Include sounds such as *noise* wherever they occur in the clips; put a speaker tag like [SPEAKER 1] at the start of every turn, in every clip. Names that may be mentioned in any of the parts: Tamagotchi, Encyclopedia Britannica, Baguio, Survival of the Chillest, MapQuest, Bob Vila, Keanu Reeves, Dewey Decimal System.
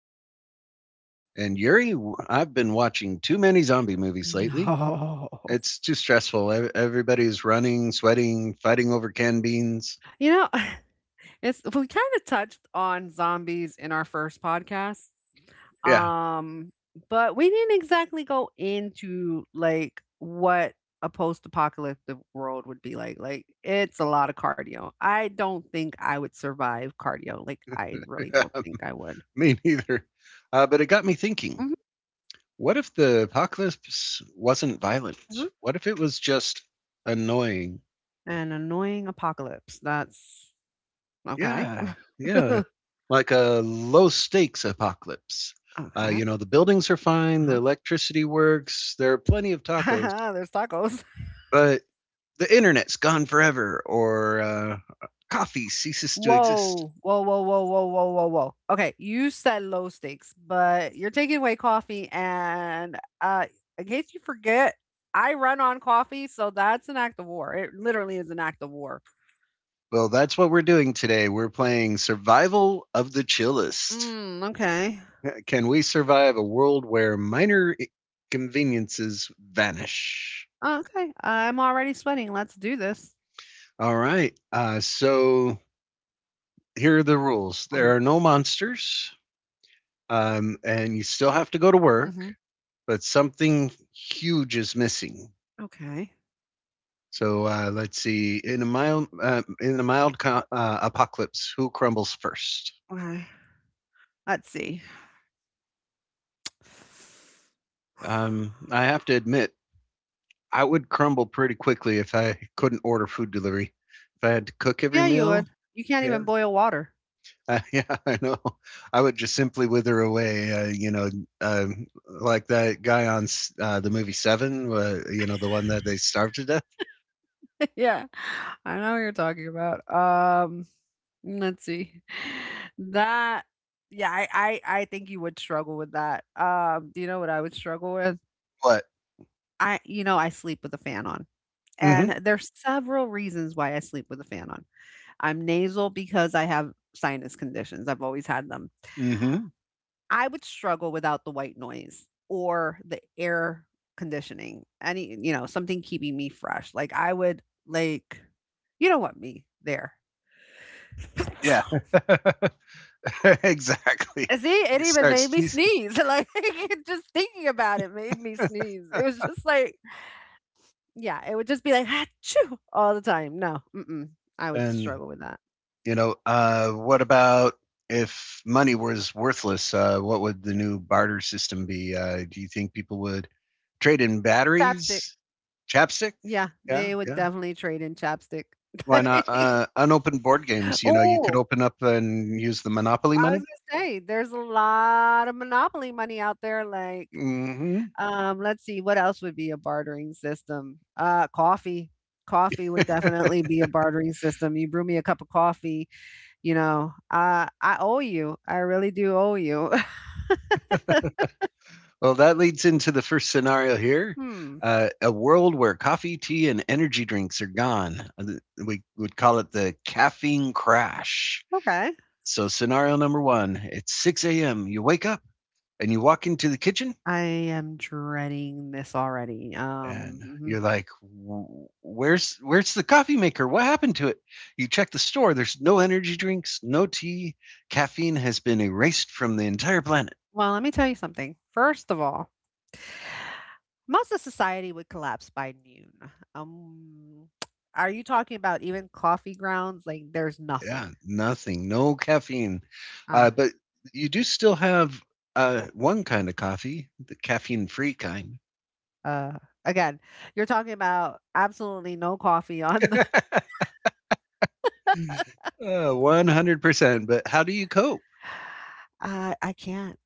[SPEAKER 1] I'm Yuri.
[SPEAKER 2] and Yuri, I've been watching too many zombie movies lately.
[SPEAKER 1] No.
[SPEAKER 2] It's too stressful. Everybody's running, sweating, fighting over canned beans.
[SPEAKER 1] You know, *laughs* it's we kind of touched on zombies in our first podcast.
[SPEAKER 2] Yeah,
[SPEAKER 1] Um, but we didn't exactly go into like what a post-apocalyptic world would be like. Like it's a lot of cardio. I don't think I would survive cardio. Like I really don't think I would.
[SPEAKER 2] *laughs* me neither. But it got me thinking,
[SPEAKER 1] Mhm,
[SPEAKER 2] what if the apocalypse wasn't violent?
[SPEAKER 1] mhm.
[SPEAKER 2] What if it was just annoying?
[SPEAKER 1] An annoying apocalypse. That's okay.
[SPEAKER 2] Yeah,
[SPEAKER 1] *laughs*
[SPEAKER 2] yeah,
[SPEAKER 1] Okay.
[SPEAKER 2] like a low stakes apocalypse. Uh,
[SPEAKER 1] Uh-huh.
[SPEAKER 2] you know, the buildings are fine, the electricity works, there are plenty of
[SPEAKER 1] *laughs*
[SPEAKER 2] tacos,
[SPEAKER 1] There's tacos.
[SPEAKER 2] but the internet's gone forever, or coffee ceases to exist.
[SPEAKER 1] Whoa, whoa, whoa, whoa, whoa, whoa, whoa, whoa. Okay, you said low stakes, but you're taking away coffee. And In case you forget, I run on coffee, so that's an act of war. It literally is an act of war.
[SPEAKER 2] Well, that's what we're doing today. We're playing Survival of the Chillest.
[SPEAKER 1] Mm, okay.
[SPEAKER 2] *laughs* Can we survive a world where minor conveniences vanish?
[SPEAKER 1] Okay. I'm already sweating. Let's do this.
[SPEAKER 2] All right. So here are the rules: there are
[SPEAKER 1] Hmm.
[SPEAKER 2] no monsters, and you still have to go to
[SPEAKER 1] Hmm.
[SPEAKER 2] work, but something huge is missing.
[SPEAKER 1] Okay.
[SPEAKER 2] So let's see. In a mild apocalypse, who crumbles first?
[SPEAKER 1] Okay. Let's see. *sighs*
[SPEAKER 2] I have to admit, I would crumble pretty quickly if I couldn't order food delivery. If I had to cook every
[SPEAKER 1] Yeah, you
[SPEAKER 2] meal,
[SPEAKER 1] would. You can't
[SPEAKER 2] yeah,
[SPEAKER 1] even boil water.
[SPEAKER 2] *laughs* yeah, I know. I would just simply wither away. Like that guy on the movie Seven. The one that they starved to death.
[SPEAKER 1] *laughs* Yeah, I know what you're talking about. Let's see. That Yeah, I think you would struggle with that. Do you know what I would struggle with?
[SPEAKER 2] What?
[SPEAKER 1] I sleep with a fan on.
[SPEAKER 2] Mm-hmm.
[SPEAKER 1] And there's several reasons why I sleep with a fan on. I'm nasal because I have sinus conditions. I've always had them.
[SPEAKER 2] Mm-hmm.
[SPEAKER 1] I would struggle without the white noise or the air conditioning. Any, you know, something keeping me fresh. Like I would like you know what me there.
[SPEAKER 2] Yeah, *laughs* exactly.
[SPEAKER 1] See, it
[SPEAKER 2] You
[SPEAKER 1] even
[SPEAKER 2] start
[SPEAKER 1] made me
[SPEAKER 2] sneezing.
[SPEAKER 1] sneeze. *laughs* Like *laughs* just thinking about it made me
[SPEAKER 2] *laughs*
[SPEAKER 1] sneeze. It was just like, yeah, it would just be like "Achoo!" all the time. No, mm-mm, I would
[SPEAKER 2] and,
[SPEAKER 1] struggle with that.
[SPEAKER 2] you know, uh, what about if money was worthless? What would the new barter system be? Do you think people would trade in
[SPEAKER 1] Chapstick.
[SPEAKER 2] batteries, chapstick?
[SPEAKER 1] Yeah,
[SPEAKER 2] Yeah,
[SPEAKER 1] they would
[SPEAKER 2] yeah.
[SPEAKER 1] definitely trade in chapstick.
[SPEAKER 2] Why not
[SPEAKER 1] *laughs*
[SPEAKER 2] unopened board games? You could
[SPEAKER 1] Oh,
[SPEAKER 2] open up and use the Monopoly
[SPEAKER 1] I was
[SPEAKER 2] money.
[SPEAKER 1] gonna say, there's a lot of monopoly money out there.
[SPEAKER 2] Hmm.
[SPEAKER 1] Let's see, what else would be a bartering system? Coffee. Coffee would definitely be a bartering system. You brew me a cup of coffee. I owe you. I really do owe you. *laughs*
[SPEAKER 2] Well, that leads into the first scenario here.
[SPEAKER 1] Hmm.
[SPEAKER 2] A world where coffee, tea, and energy drinks are gone. We would call it the caffeine crash.
[SPEAKER 1] Okay.
[SPEAKER 2] So, scenario number one: it's 6 a.m. You wake up and you walk into the kitchen
[SPEAKER 1] I am dreading this already.
[SPEAKER 2] and
[SPEAKER 1] Mhm.
[SPEAKER 2] you're like, "Where's the coffee maker? What happened to it?" You check the store, there's no energy drinks, no tea. Caffeine has been erased from the entire planet.
[SPEAKER 1] Well, let me tell you something. First of all, most of society would collapse by noon. Um, *tsk* are you talking about even coffee grounds? Like, there's
[SPEAKER 2] Yeah,
[SPEAKER 1] nothing.
[SPEAKER 2] nothing, no caffeine.
[SPEAKER 1] Uh,
[SPEAKER 2] But you do still have one kind of coffee, the caffeine-free kind.
[SPEAKER 1] uh, Again, you're talking about absolutely no coffee on the.
[SPEAKER 2] *laughs* uh, 100%. But how do you cope?
[SPEAKER 1] *sighs* *laughs* I can't.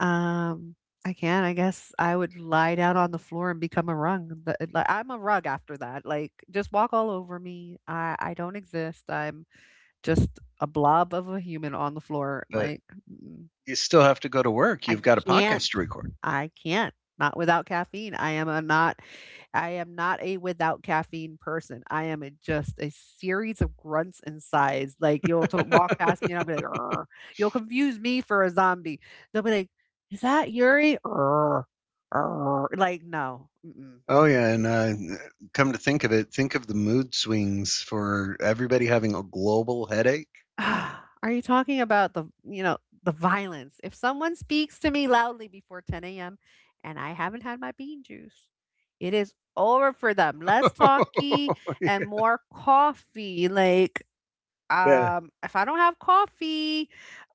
[SPEAKER 1] Um, I can, I guess I would lie down on the floor and become a rug. But, like, I'm a rug after that, like, just walk all over me. I don't exist. I'm just a blob of a human on the floor,
[SPEAKER 2] But
[SPEAKER 1] like, mm,
[SPEAKER 2] you still have to go to work.
[SPEAKER 1] I
[SPEAKER 2] You've got a
[SPEAKER 1] can't.
[SPEAKER 2] podcast to record.
[SPEAKER 1] I can't. Not without caffeine. I am not a without caffeine person. I am a just a series of grunts and sighs. Like you'll to walk past me and I'll be like, "Urgh." You'll confuse me for a zombie. They'll be like, is that Yuri? Urgh, urgh." Like, no. Mm-mm.
[SPEAKER 2] Oh yeah, and uh, come to think of it, think of the mood swings for everybody having a global headache.
[SPEAKER 1] Ah, are you talking about the, you know, the violence? If someone speaks to me loudly before 10 a.m. and I haven't had my bean juice, it is over for them. Less talky and
[SPEAKER 2] *laughs*
[SPEAKER 1] more coffee.
[SPEAKER 2] yeah.
[SPEAKER 1] If I don't have coffee,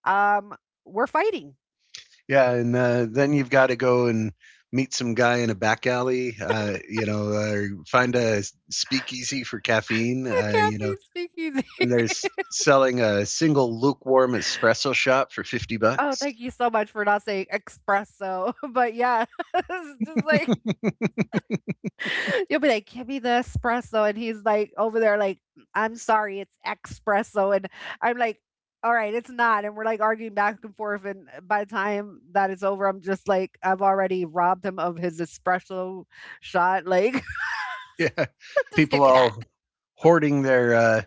[SPEAKER 1] um, we're fighting. *laughs*
[SPEAKER 2] Yeah, and then you've got to go and meet some guy in a back alley, or find a speakeasy for caffeine.
[SPEAKER 1] The
[SPEAKER 2] Uh, you know,
[SPEAKER 1] caffeine speaking.
[SPEAKER 2] and
[SPEAKER 1] *laughs*
[SPEAKER 2] there's selling a single lukewarm espresso shot for 50
[SPEAKER 1] Oh,
[SPEAKER 2] bucks.
[SPEAKER 1] thank you so much for not saying espresso. *laughs* But yeah, *laughs* it's just like
[SPEAKER 2] *laughs*
[SPEAKER 1] *laughs* you'll be like, "Give me the espresso," and he's like over there like, "I'm sorry, it's espresso," and I'm like, "All right, it's not," and we're like arguing back and forth, and by the time that is over, I'm just like, I've already robbed him of his espresso shot, like,
[SPEAKER 2] Yeah,
[SPEAKER 1] *laughs* "Just give
[SPEAKER 2] people
[SPEAKER 1] me that." *laughs*
[SPEAKER 2] all hoarding their uh,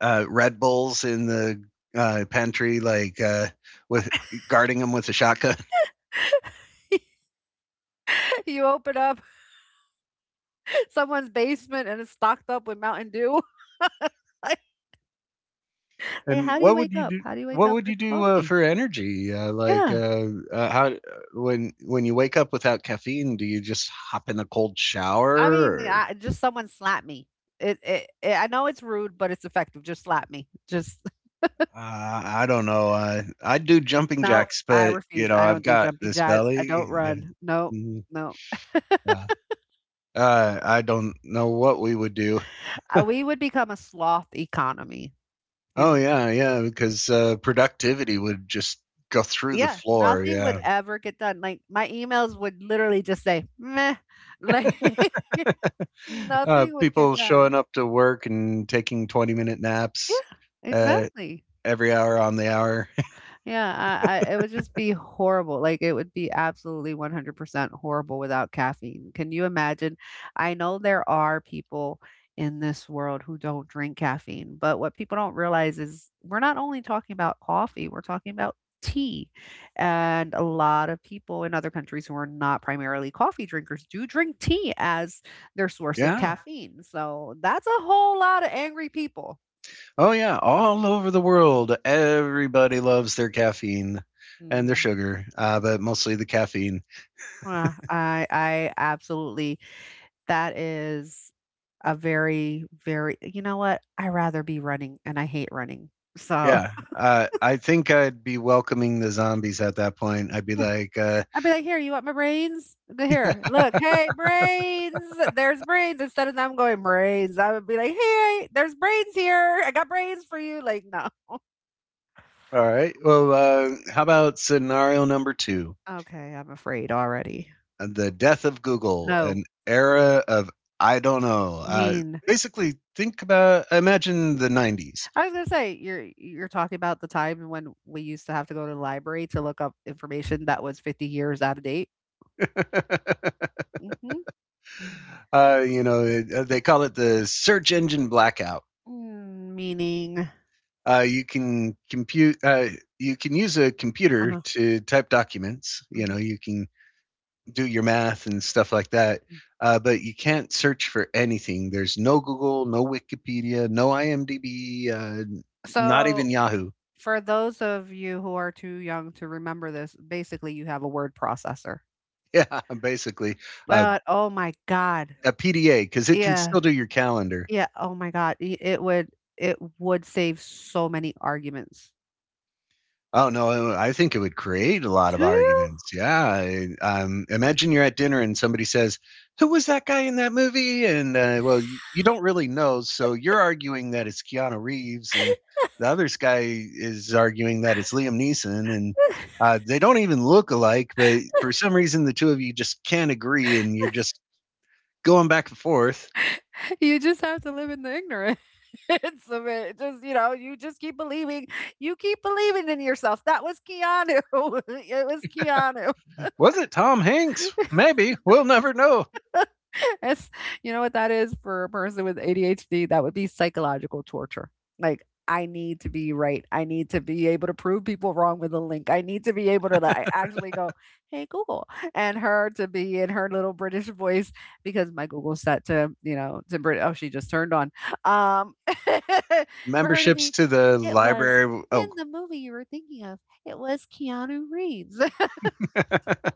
[SPEAKER 2] uh, Red Bulls in the pantry, like, with guarding them with a shotgun.
[SPEAKER 1] You open up *laughs* someone's basement and it's stocked up with Mountain Dew. *laughs* Like, hey,
[SPEAKER 2] And
[SPEAKER 1] how do you
[SPEAKER 2] what would
[SPEAKER 1] wake
[SPEAKER 2] you
[SPEAKER 1] up?
[SPEAKER 2] do?
[SPEAKER 1] How do you wake
[SPEAKER 2] What
[SPEAKER 1] up
[SPEAKER 2] would
[SPEAKER 1] with
[SPEAKER 2] you do
[SPEAKER 1] coffee?
[SPEAKER 2] for energy? Like,
[SPEAKER 1] Yeah.
[SPEAKER 2] how, when you wake up without caffeine, do you just hop in a cold shower?
[SPEAKER 1] I mean,
[SPEAKER 2] Or,
[SPEAKER 1] I just someone slap me. It I know it's rude, but it's effective. Just slap me. Just *laughs*
[SPEAKER 2] I don't know. I do jumping
[SPEAKER 1] no,
[SPEAKER 2] jacks,
[SPEAKER 1] I
[SPEAKER 2] but you
[SPEAKER 1] refuse.
[SPEAKER 2] know
[SPEAKER 1] I
[SPEAKER 2] I've
[SPEAKER 1] don't do
[SPEAKER 2] got
[SPEAKER 1] jumping
[SPEAKER 2] this
[SPEAKER 1] jacks. I
[SPEAKER 2] belly.
[SPEAKER 1] don't
[SPEAKER 2] Yeah.
[SPEAKER 1] run. No,
[SPEAKER 2] Mhm.
[SPEAKER 1] no.
[SPEAKER 2] Yeah. I don't know what we would do.
[SPEAKER 1] We would become a sloth economy.
[SPEAKER 2] Oh
[SPEAKER 1] You—
[SPEAKER 2] yeah, yeah, because productivity would just go through the
[SPEAKER 1] yeah,
[SPEAKER 2] floor.
[SPEAKER 1] nothing would
[SPEAKER 2] Yeah.
[SPEAKER 1] ever get done. Like my emails would literally just say meh. Like
[SPEAKER 2] *laughs*
[SPEAKER 1] *laughs* nothing would get
[SPEAKER 2] People
[SPEAKER 1] done.
[SPEAKER 2] showing up to work and taking 20-minute naps
[SPEAKER 1] Yeah,
[SPEAKER 2] uh,
[SPEAKER 1] exactly.
[SPEAKER 2] every hour on the hour.
[SPEAKER 1] Yeah, I it would just be horrible. Like it would be absolutely 100% horrible without caffeine. Can you imagine? I know there are people in this world who don't drink caffeine, but what people don't realize is we're not only talking about coffee, we're talking about tea. And a lot of people in other countries who are not primarily coffee drinkers do drink tea as their
[SPEAKER 2] *laughs*
[SPEAKER 1] source of
[SPEAKER 2] yeah.
[SPEAKER 1] caffeine. So that's a whole lot of angry people.
[SPEAKER 2] Oh, yeah. All over the world, everybody loves their caffeine and their
[SPEAKER 1] Mm.
[SPEAKER 2] sugar, but mostly the caffeine.
[SPEAKER 1] I absolutely That is a very, very you know what? I rather be running, and I hate running. So,
[SPEAKER 2] Yeah. I think I'd be welcoming the zombies at that point. I'd be like,
[SPEAKER 1] *laughs* I'd be like, "Here, you want my brains? Th
[SPEAKER 2] *laughs* yeah,
[SPEAKER 1] here, look, hey, brains, there's brains," instead of them going, "Brains," I would be like, "Hey, there's brains here. I got brains for you." Like, no.
[SPEAKER 2] all right, well, how about scenario number two?
[SPEAKER 1] Okay, I'm afraid already.
[SPEAKER 2] The death of Google,
[SPEAKER 1] No.
[SPEAKER 2] an era of, I don't know.
[SPEAKER 1] You mean
[SPEAKER 2] Basically, think about, imagine the 90s.
[SPEAKER 1] I was gonna say, you're talking about the time when we used to have to go to the library to look up information that was 50 years out of date? Mhm.
[SPEAKER 2] *laughs* uh, you know, they call it the search engine blackout.
[SPEAKER 1] Mm, meaning
[SPEAKER 2] You can compute. You can use a computer
[SPEAKER 1] uh-huh.
[SPEAKER 2] to type documents. You know,
[SPEAKER 1] Mhm,
[SPEAKER 2] you can do your math and stuff like that.
[SPEAKER 1] mm.
[SPEAKER 2] But you can't search for anything. There's no Google, no Wikipedia, no IMDb, not even
[SPEAKER 1] So,
[SPEAKER 2] Yahoo. *laughs*
[SPEAKER 1] for those of you who are too young to remember this, basically you have a word processor.
[SPEAKER 2] Yeah, basically, uh,
[SPEAKER 1] But, oh my god.
[SPEAKER 2] a PDA, because it can
[SPEAKER 1] Yeah.
[SPEAKER 2] still do your calendar.
[SPEAKER 1] Yeah, oh my god. I it would save so many arguments.
[SPEAKER 2] Oh no, I think it would create a lot of
[SPEAKER 1] Do you?
[SPEAKER 2] arguments. Yeah, imagine you're at dinner and somebody says, "Who was that guy in that movie?" And well, you don't really know, so you're arguing that it's Keanu Reeves, and the other guy is arguing that it's Liam Neeson, and
[SPEAKER 1] *laughs*
[SPEAKER 2] they don't even look alike. But for some reason, the two of you just can't agree, and you're just going back and forth.
[SPEAKER 1] You just have to live in the ignorance *laughs* of it. Just, you know, you keep believing in yourself. That was Keanu. *laughs* It was Keanu.
[SPEAKER 2] Was it Tom Hanks? Maybe we'll never know.
[SPEAKER 1] *laughs* It's you know what that is for a person with ADHD? That would be psychological torture. Like, I need to be right. I need to be able to prove people wrong with a link. I need to be able to like actually go, hey Google, and her to be in her little British voice because my Google's set to, you know, to Brit oh, she just turned on. Um *laughs* for her to
[SPEAKER 2] Memberships
[SPEAKER 1] be,
[SPEAKER 2] to the
[SPEAKER 1] it was
[SPEAKER 2] library
[SPEAKER 1] in
[SPEAKER 2] oh
[SPEAKER 1] the movie you were thinking of, it was Keanu Reeves. *laughs*
[SPEAKER 2] *laughs*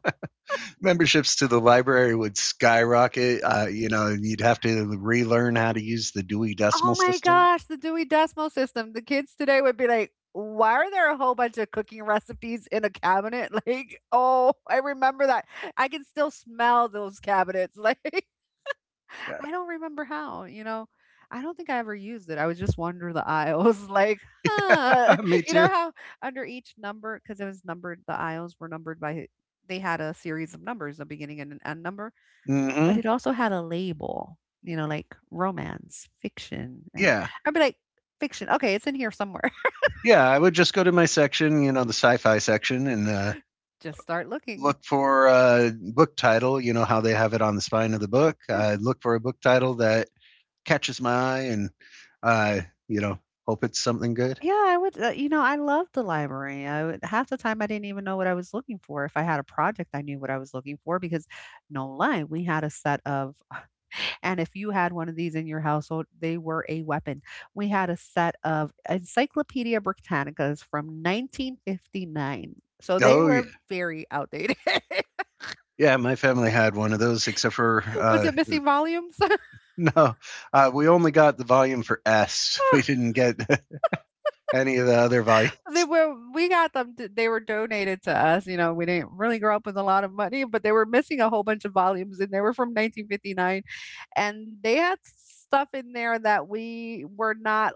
[SPEAKER 2] Memberships to the library would skyrocket. You'd have to relearn how to use the Dewey
[SPEAKER 1] Oh
[SPEAKER 2] Decimal
[SPEAKER 1] my
[SPEAKER 2] System.
[SPEAKER 1] gosh, the Dewey Decimal System. The kids today would be like, "Why are there a whole bunch of cooking recipes in a cabinet?" *laughs* Like, oh, I remember that. I can still smell those cabinets. *laughs* Like,
[SPEAKER 2] Yeah.
[SPEAKER 1] I don't remember how, you know. I don't think I ever used it. I would just wander the aisles *laughs* like, huh.
[SPEAKER 2] *laughs* Me
[SPEAKER 1] *laughs* You know
[SPEAKER 2] too.
[SPEAKER 1] how under each number, because it was numbered, the aisles were numbered by, they had a series of numbers, a beginning and an end number. But
[SPEAKER 2] Mm-hmm.
[SPEAKER 1] it also had a label, you know, like romance, fiction, and
[SPEAKER 2] Yeah,
[SPEAKER 1] I'd be like, "Fiction, okay, it's in here somewhere."
[SPEAKER 2] yeah, I would just go to my section, the sci-fi section, and
[SPEAKER 1] *laughs* Just start looking.
[SPEAKER 2] look for a book title. You know how they have it on the spine of the book?
[SPEAKER 1] Yeah.
[SPEAKER 2] I'd look for a book title that catches my eye and, uh, you know hope it's something good.
[SPEAKER 1] Yeah, I would you know, I loved the library. I would half the time I didn't even know what I was looking for. If I had a project, I knew what I was looking for because no lie, we had a set of *sighs* and if you had one of these in your household, they were a weapon. We had a set of Encyclopedia Britannicas from 1959. So they
[SPEAKER 2] Oh yeah.
[SPEAKER 1] were very outdated. *laughs*
[SPEAKER 2] Yeah, my family had one of those, except for
[SPEAKER 1] Was it Missing Volumes? *laughs*
[SPEAKER 2] *laughs* no, we only got the volume for S. *laughs* We didn't get *laughs* any of the other volume.
[SPEAKER 1] They were donated to us, you know, we didn't really grow up with a lot of money, but they were missing a whole bunch of volumes, and they were from 1959, and they had stuff in there that we were not,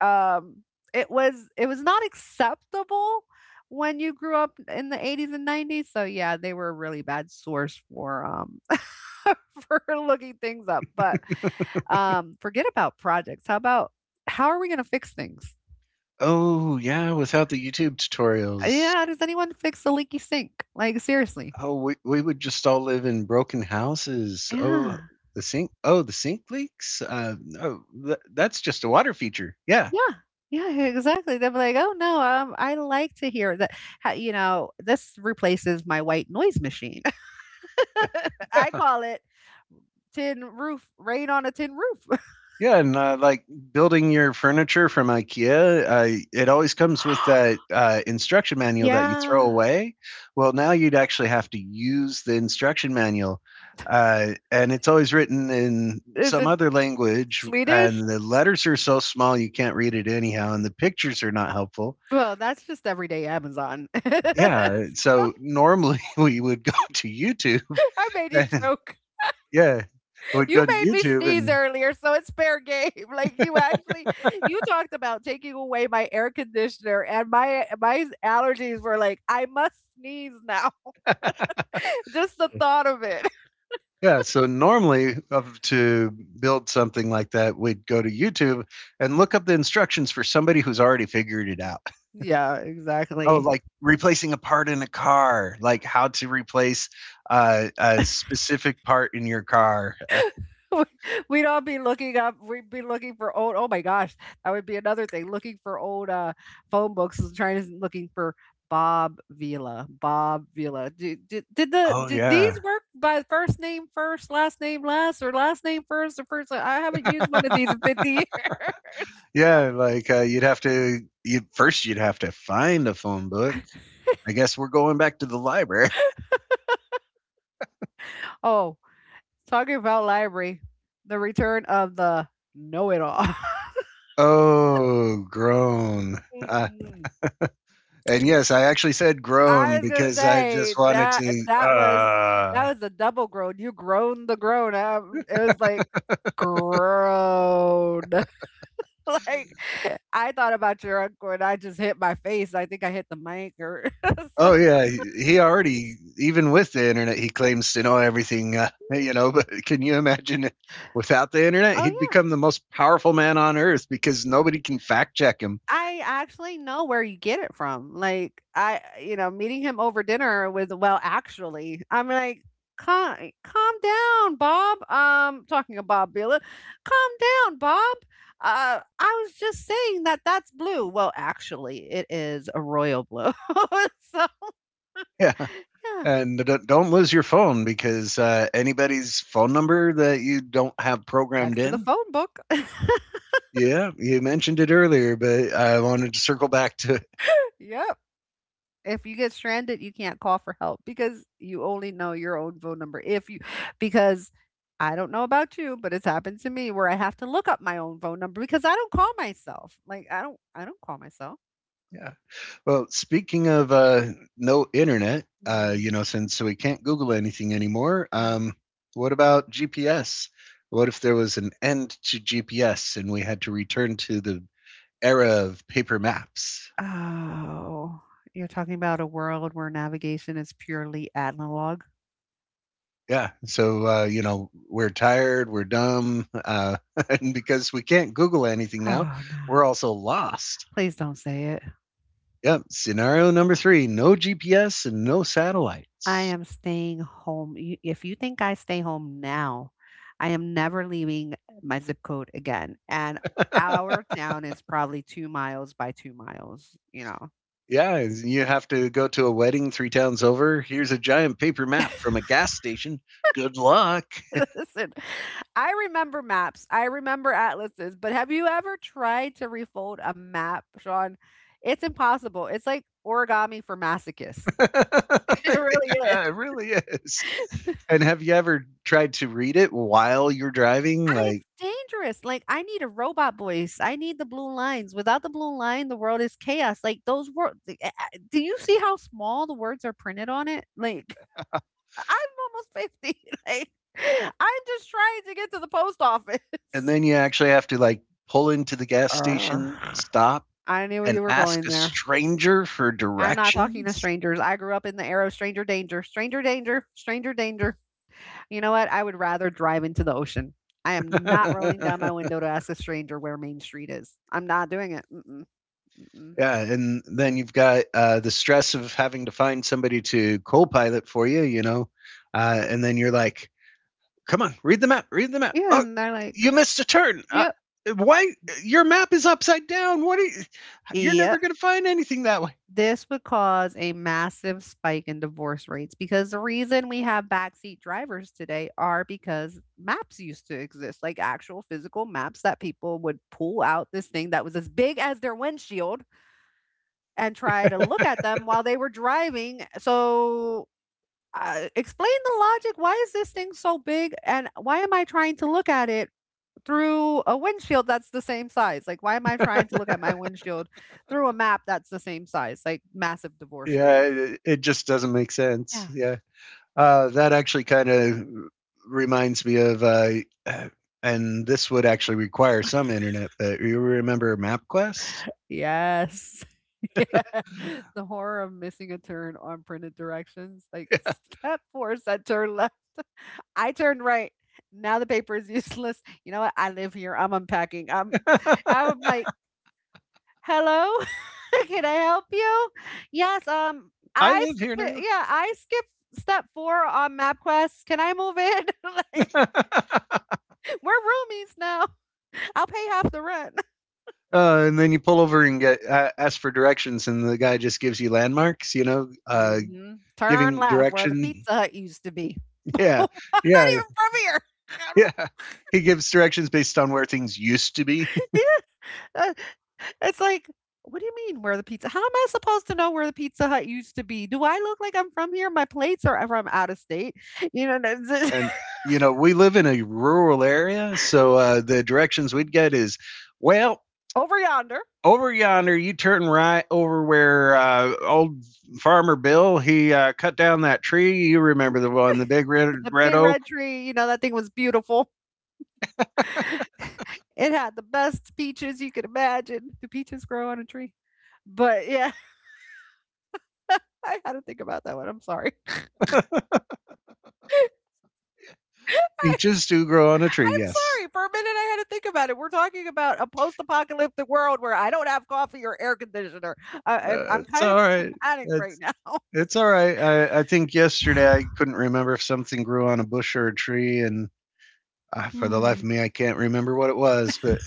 [SPEAKER 1] um it was not acceptable when you grew up in the 80s and 90s, so, yeah, they were a really bad source for, *laughs* for looking things up, but, forget about projects, how about how are we gonna fix things?
[SPEAKER 2] Oh yeah, without the YouTube tutorials,
[SPEAKER 1] Yeah, how does anyone fix the leaky sink? Like, seriously.
[SPEAKER 2] we would just all live in broken houses. Oh
[SPEAKER 1] Yeah.
[SPEAKER 2] the sink, oh the sink leaks. Oh, that's just a water feature. Yeah.
[SPEAKER 1] Yeah. Yeah, exactly. They'll be like, "Oh no, I like to hear that. Ha- You know, this replaces my white noise machine. *laughs* I
[SPEAKER 2] *laughs*
[SPEAKER 1] call it tin roof, rain on a tin roof. *laughs*
[SPEAKER 2] Yeah, and like, building your furniture from IKEA, it always comes with that
[SPEAKER 1] *gasps*
[SPEAKER 2] instruction manual that you throw
[SPEAKER 1] Yeah.
[SPEAKER 2] away. Well, now you'd actually have to use the instruction manual, and it's always written in
[SPEAKER 1] Is
[SPEAKER 2] some
[SPEAKER 1] it
[SPEAKER 2] other language,
[SPEAKER 1] Swedish?
[SPEAKER 2] and the letters are so small you can't read it anyhow, and the pictures are not helpful.
[SPEAKER 1] Well, that's just everyday Amazon. *laughs*
[SPEAKER 2] Yeah, so normally *laughs* we would go to YouTube,
[SPEAKER 1] I made you
[SPEAKER 2] and
[SPEAKER 1] choke.
[SPEAKER 2] yeah, we'd
[SPEAKER 1] You
[SPEAKER 2] go to
[SPEAKER 1] made me
[SPEAKER 2] YouTube
[SPEAKER 1] sneeze
[SPEAKER 2] and
[SPEAKER 1] earlier, so it's fair game. *laughs* Like you actually you talked about taking away my air conditioner and my allergies were like, I must sneeze now. *laughs* Just the thought of it. *laughs*
[SPEAKER 2] yeah, so normally of to build something like that, we'd go to YouTube and look up the instructions for somebody who's already figured it out.
[SPEAKER 1] Yeah, oh
[SPEAKER 2] Oh,
[SPEAKER 1] exactly.
[SPEAKER 2] like replacing a part in a car, like how to replace a specific part in your car.
[SPEAKER 1] *laughs* We- would all be looking up. We'd be looking for old. Oh my gosh, that would be another thing. Looking for old phone books and trying to looking for Bob Vila. Bob Vila. Did, did, did the
[SPEAKER 2] Oh
[SPEAKER 1] did
[SPEAKER 2] yeah,
[SPEAKER 1] these work by first name first, last name last, or last name first or first? I haven't used one of these in 50 years. *laughs*
[SPEAKER 2] *laughs* yeah. Like, you'd have to find a phone book. I guess we're going back to the library. *laughs*
[SPEAKER 1] Oh, talking about library, the return of the know-it-all.
[SPEAKER 2] Oh, groan. Uh,
[SPEAKER 1] *laughs*
[SPEAKER 2] And yes, I actually said
[SPEAKER 1] I
[SPEAKER 2] groan
[SPEAKER 1] was gonna
[SPEAKER 2] because I
[SPEAKER 1] say
[SPEAKER 2] just wanted
[SPEAKER 1] that
[SPEAKER 2] to.
[SPEAKER 1] that was that was a double groan. You groaned the groan. It was like groan. *laughs* like I thought about your uncle and I just hit my face. I think I hit the mic or. *laughs* so-
[SPEAKER 2] Oh yeah, he already, even with the internet he claims to know everything, *laughs* but can you imagine it without the internet?
[SPEAKER 1] Oh
[SPEAKER 2] He'd
[SPEAKER 1] yeah.
[SPEAKER 2] become the most powerful man on earth because nobody can fact check him.
[SPEAKER 1] I actually know where you get it from. Meeting him over dinner with, well, actually, I'm like, calm, calm down, Bob. Talking about Bob Bila, calm down, Bob. I was just saying that that's blue. Well, actually, it is a royal blue. *laughs* so
[SPEAKER 2] *laughs* Yeah.
[SPEAKER 1] yeah,
[SPEAKER 2] And don't lose your phone, because anybody's phone number that you don't have
[SPEAKER 1] back
[SPEAKER 2] programmed
[SPEAKER 1] to the
[SPEAKER 2] in.
[SPEAKER 1] phone book. *laughs*
[SPEAKER 2] Yeah, you mentioned it earlier, but I wanted to circle back to.
[SPEAKER 1] Yep. If you get stranded, you can't call for help because you only know your own phone number. If you because I don't know about you, but it's happened to me where I have to look up my own phone number because I don't call myself. Like I don't call myself.
[SPEAKER 2] *laughs* Yeah, well, speaking of no internet,
[SPEAKER 1] Mhm.
[SPEAKER 2] since we can't Google anything anymore,
[SPEAKER 1] Mm.
[SPEAKER 2] what about GPS? What if there was an end to GPS and we had to return to the era of paper maps?
[SPEAKER 1] Oh, you're talking about a world where navigation is purely analog?
[SPEAKER 2] Yeah, so we're tired, we're dumb, *laughs* and because we can't Google anything now,
[SPEAKER 1] Oh
[SPEAKER 2] we're
[SPEAKER 1] no.
[SPEAKER 2] also lost.
[SPEAKER 1] Please don't say it.
[SPEAKER 2] Yep. Scenario number three: no GPS and no
[SPEAKER 1] I
[SPEAKER 2] satellites.
[SPEAKER 1] am staying home. You if you think I stay home now, I am never leaving my zip code again, and
[SPEAKER 2] *laughs*
[SPEAKER 1] our town is probably 2 miles by 2 miles, you know.
[SPEAKER 2] Yeah, you have to go to a wedding three towns over. Here's a giant paper map from a gas station. Good luck.
[SPEAKER 1] *laughs* Listen, I remember maps, I remember atlases, but have you ever tried to refold a map, Sean? It's impossible. It's like origami for masochists. *laughs*
[SPEAKER 2] *laughs* yeah,
[SPEAKER 1] It really is.
[SPEAKER 2] it really is. And have you ever tried to read it while you're driving?
[SPEAKER 1] I
[SPEAKER 2] Like,
[SPEAKER 1] It's dangerous. Like, I need a robot voice. I need the blue lines. Without the blue line, the world is chaos. Like those words. Do you see how small the words are printed on it? Like, *laughs* I'm almost 50. *laughs* Like, I'm just trying to get to the post office.
[SPEAKER 2] and then you actually have to, like, pull into the
[SPEAKER 1] *laughs*
[SPEAKER 2] gas
[SPEAKER 1] Urgh.
[SPEAKER 2] station, stop,
[SPEAKER 1] I knew
[SPEAKER 2] and
[SPEAKER 1] you were
[SPEAKER 2] ask
[SPEAKER 1] going
[SPEAKER 2] a
[SPEAKER 1] there.
[SPEAKER 2] stranger for
[SPEAKER 1] I'm not talking to
[SPEAKER 2] directions.
[SPEAKER 1] strangers. I grew up in the era of stranger danger, stranger danger, stranger danger. You know what? I would rather drive into the ocean. I am not
[SPEAKER 2] *laughs*
[SPEAKER 1] rolling down
[SPEAKER 2] yeah,
[SPEAKER 1] my window to ask a stranger where Main Street is. I'm not doing it. Mm-mm. Mm-mm.
[SPEAKER 2] and then you've got the stress of having to find somebody to co-pilot for you. And then you're like, "Come on, read the map. Read the map.
[SPEAKER 1] Yeah,
[SPEAKER 2] Oh,
[SPEAKER 1] and they're like,
[SPEAKER 2] you missed a turn.
[SPEAKER 1] yep,
[SPEAKER 2] Why? Your map is upside down. What are you? You're never
[SPEAKER 1] yep.
[SPEAKER 2] going to find anything that way."
[SPEAKER 1] This would cause a massive spike in divorce rates because the reason we have backseat drivers today are because maps used to exist, like actual physical maps that people would pull out this thing that was as big as their windshield and try to look at them while they were driving. So explain the logic. Why is this thing so big? And why am I trying to look at it through a windshield that's the same size? Like, why am I trying to look at my windshield through a map that's the same size? Like, massive divorce
[SPEAKER 2] Yeah,
[SPEAKER 1] rates.
[SPEAKER 2] it just doesn't make sense.
[SPEAKER 1] Yeah.
[SPEAKER 2] Yeah. That actually kind of reminds me of, uh, and this would actually require some internet, but you remember MapQuest?
[SPEAKER 1] Yes. *laughs* Yeah. The horror of missing a turn on printed directions. Like, step four said turn left. I turned right. Now the paper is *laughs* useless. You know what? I live here. I'm unpacking. I'm,
[SPEAKER 2] *laughs*
[SPEAKER 1] I'm like, Hello? *laughs* Can I help you? Yes, um,
[SPEAKER 2] I
[SPEAKER 1] I
[SPEAKER 2] live
[SPEAKER 1] sp
[SPEAKER 2] here now.
[SPEAKER 1] yeah, I skipped step 4 on MapQuest. Can I move in? *laughs* Like,
[SPEAKER 2] *laughs*
[SPEAKER 1] we're roomies now. I'll pay half the rent. *laughs*
[SPEAKER 2] And then you pull over and get ask for directions, and the guy just gives you landmarks.
[SPEAKER 1] Mhm. Turn
[SPEAKER 2] Giving
[SPEAKER 1] left where the
[SPEAKER 2] direction.
[SPEAKER 1] Pizza Hut used to be. *laughs*
[SPEAKER 2] *laughs* Yeah,
[SPEAKER 1] I'm not
[SPEAKER 2] yeah,
[SPEAKER 1] even from here. *laughs*
[SPEAKER 2] yeah.
[SPEAKER 1] How
[SPEAKER 2] He gives directions based on where things used to be,
[SPEAKER 1] do *laughs* Yeah, it's like, "What do you mean where the pizza how am I supposed to know where the Pizza Hut used to be? Do I look like I'm from here? My plates are from out of state." You know, that's
[SPEAKER 2] and we live in a rural area, so the directions we'd get is, well,
[SPEAKER 1] *laughs* over yonder.
[SPEAKER 2] over yonder, you turn right over where old farmer Bill, he cut down that tree. You remember the one, the big red
[SPEAKER 1] The
[SPEAKER 2] red
[SPEAKER 1] big
[SPEAKER 2] oak.
[SPEAKER 1] red tree, you know, that thing was beautiful. *laughs* It had the best peaches you could imagine. Do peaches grow on a tree? But yeah, *laughs* I had to think about that one. I'm sorry. *laughs* I,
[SPEAKER 2] Peaches do grow on a tree.
[SPEAKER 1] I'm
[SPEAKER 2] Yes,
[SPEAKER 1] sorry. For a minute, I had to think about it. We're talking about a post apocalyptic world where I don't have coffee or air conditioner. I, I, I'm
[SPEAKER 2] it's
[SPEAKER 1] kind of
[SPEAKER 2] all right.
[SPEAKER 1] *laughs* panicked right
[SPEAKER 2] It's
[SPEAKER 1] now.
[SPEAKER 2] it's all right. I think yesterday I
[SPEAKER 1] *sighs*
[SPEAKER 2] couldn't remember if something grew on a bush or a tree, and for the life of
[SPEAKER 1] Hmm.
[SPEAKER 2] me, I can't remember what it was, but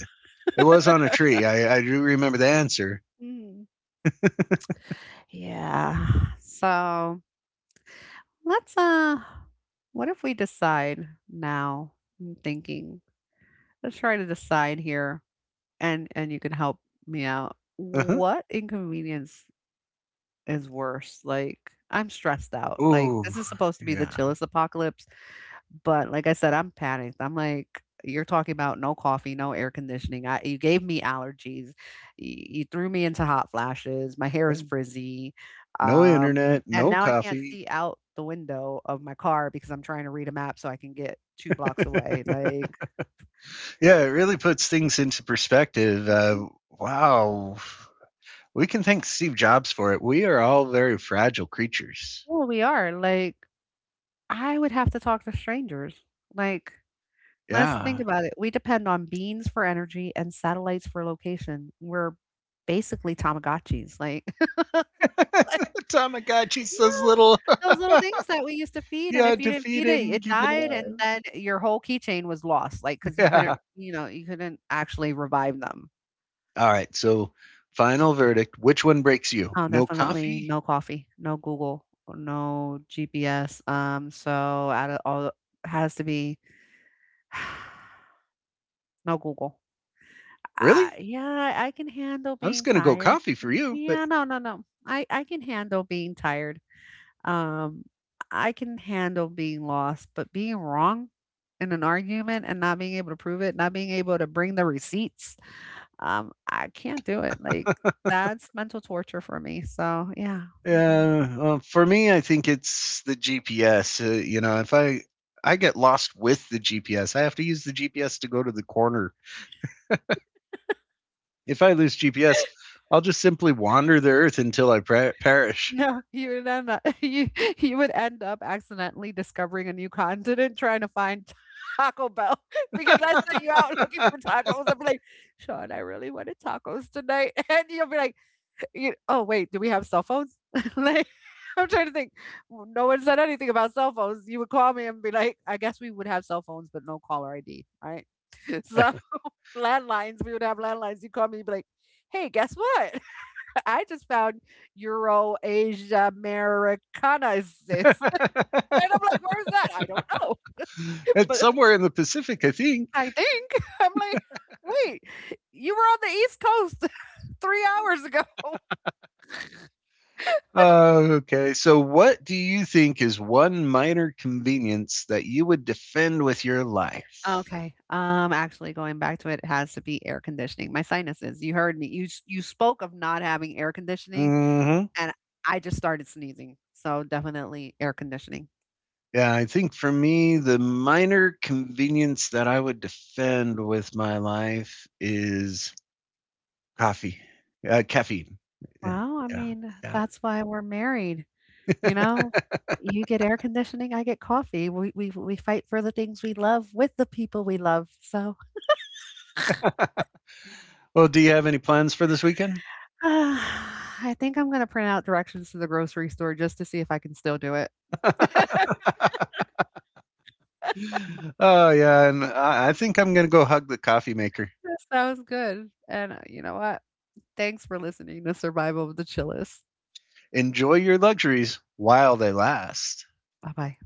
[SPEAKER 2] it was on a tree. I do remember the answer.
[SPEAKER 1] Hmm. Yeah. So let's, uh, what if we decide now? I'm thinking, let's try to decide here and you can help me out.
[SPEAKER 2] Uh-huh.
[SPEAKER 1] What inconvenience is worse? Like, I'm stressed out. Oh. Like,
[SPEAKER 2] Ooh,
[SPEAKER 1] this is supposed to be the
[SPEAKER 2] yeah.
[SPEAKER 1] chillest apocalypse, but like I said, I'm panicked. I'm like, you're talking about no coffee, no air conditioning. You gave me allergies. You threw me into hot flashes. My hair is
[SPEAKER 2] Yeah.
[SPEAKER 1] frizzy.
[SPEAKER 2] No
[SPEAKER 1] Um,
[SPEAKER 2] internet,
[SPEAKER 1] and
[SPEAKER 2] no
[SPEAKER 1] now I can't
[SPEAKER 2] coffee.
[SPEAKER 1] see out the window of my car because I'm trying to read a map so I can get two blocks
[SPEAKER 2] *laughs*
[SPEAKER 1] away.
[SPEAKER 2] yeah,
[SPEAKER 1] Like,
[SPEAKER 2] it really puts things into perspective. Wow. We can thank Steve Jobs for it. We are all very fragile creatures.
[SPEAKER 1] well, we are like I would have to talk to strangers. Like, let's think
[SPEAKER 2] Yeah.
[SPEAKER 1] about it. We depend on beans for energy and satellites for location. We're basically Tamagotchis. Like, *laughs* like,
[SPEAKER 2] *laughs* The Tamagotchi says
[SPEAKER 1] yeah,
[SPEAKER 2] little. *laughs*
[SPEAKER 1] those little things that we used to feed. And
[SPEAKER 2] yeah,
[SPEAKER 1] if you didn't
[SPEAKER 2] defeat
[SPEAKER 1] feed
[SPEAKER 2] it
[SPEAKER 1] it,
[SPEAKER 2] and
[SPEAKER 1] it
[SPEAKER 2] keep it
[SPEAKER 1] died. And
[SPEAKER 2] alive.
[SPEAKER 1] then your whole keychain was lost. Like,
[SPEAKER 2] *laughs*
[SPEAKER 1] because you
[SPEAKER 2] Yeah.
[SPEAKER 1] couldn't, you know, you couldn't actually revive them.
[SPEAKER 2] All right. So, final verdict. Which one breaks you?
[SPEAKER 1] Oh,
[SPEAKER 2] No
[SPEAKER 1] definitely
[SPEAKER 2] coffee.
[SPEAKER 1] no coffee, no Google, no GPS. So out of all, has to be *sighs* no Google.
[SPEAKER 2] Really?
[SPEAKER 1] Yeah, I can handle
[SPEAKER 2] I was
[SPEAKER 1] being
[SPEAKER 2] gonna go
[SPEAKER 1] tired.
[SPEAKER 2] coffee for you, but
[SPEAKER 1] Yeah, no, no, no. I can handle being tired. Um, I can handle being lost, but being wrong in an argument and not being able to prove it, not being able to bring the receipts, I can't do it. Like that's mental torture for me. So yeah. Mhm.
[SPEAKER 2] well, for me, I think it's the GPS. If I get lost with the GPS, I have to use the GPS to go to the corner. If I lose GPS, I'll just simply wander the earth until I perish.
[SPEAKER 1] No, you would end up *laughs* you would end up accidentally discovering a new continent trying to find *laughs* Taco Bell *laughs* because I sent you out looking for
[SPEAKER 2] *laughs*
[SPEAKER 1] tacos. I'm like, "Sean, I really wanted tacos tonight." *laughs* And you'll be like, you "Oh, wait, do we have cell phones?" *laughs* Like, I'm trying to think. No one said anything about cell phones. You would call me and be like, "I guess we would have cell phones, but no caller ID, right?" *laughs* So landlines, we would have landlines. You call me, you'd be like, "Hey, guess what? I just found Euro Asia Americana is this." *laughs* And I'm like, where's that? I don't know. *laughs*
[SPEAKER 2] it's
[SPEAKER 1] But
[SPEAKER 2] somewhere in the Pacific, I think.
[SPEAKER 1] I think *laughs* I'm like, wait, you were on the East Coast *laughs* 3 hours ago. *laughs*
[SPEAKER 2] Okay, so what do you think is one minor convenience that you would defend with your life?
[SPEAKER 1] Okay. Actually going back to it, it has to be air conditioning. My sinuses, you heard me. You spoke of not having air conditioning
[SPEAKER 2] Hmm.
[SPEAKER 1] and I just started sneezing. So definitely air conditioning.
[SPEAKER 2] Yeah, I think for me, the minor convenience that I would defend with my life is coffee, caffeine. Yeah,
[SPEAKER 1] Wow, I
[SPEAKER 2] yeah,
[SPEAKER 1] mean,
[SPEAKER 2] yeah.
[SPEAKER 1] that's why we're married. You know? You get air conditioning, I get coffee. We fight for the things we love with the people we love, so,
[SPEAKER 2] Well, do you have any plans for this weekend?
[SPEAKER 1] *sighs* I think I'm gonna print out directions to the grocery store just to see if I can still do it.
[SPEAKER 2] *laughs* oh,
[SPEAKER 1] *laughs*
[SPEAKER 2] yeah. And I think I'm going to go hug the coffee maker.
[SPEAKER 1] That sounds good, and, you know what? Thanks for listening to Survival of the Chillest.
[SPEAKER 2] Enjoy your luxuries while they last.
[SPEAKER 1] Bye-bye.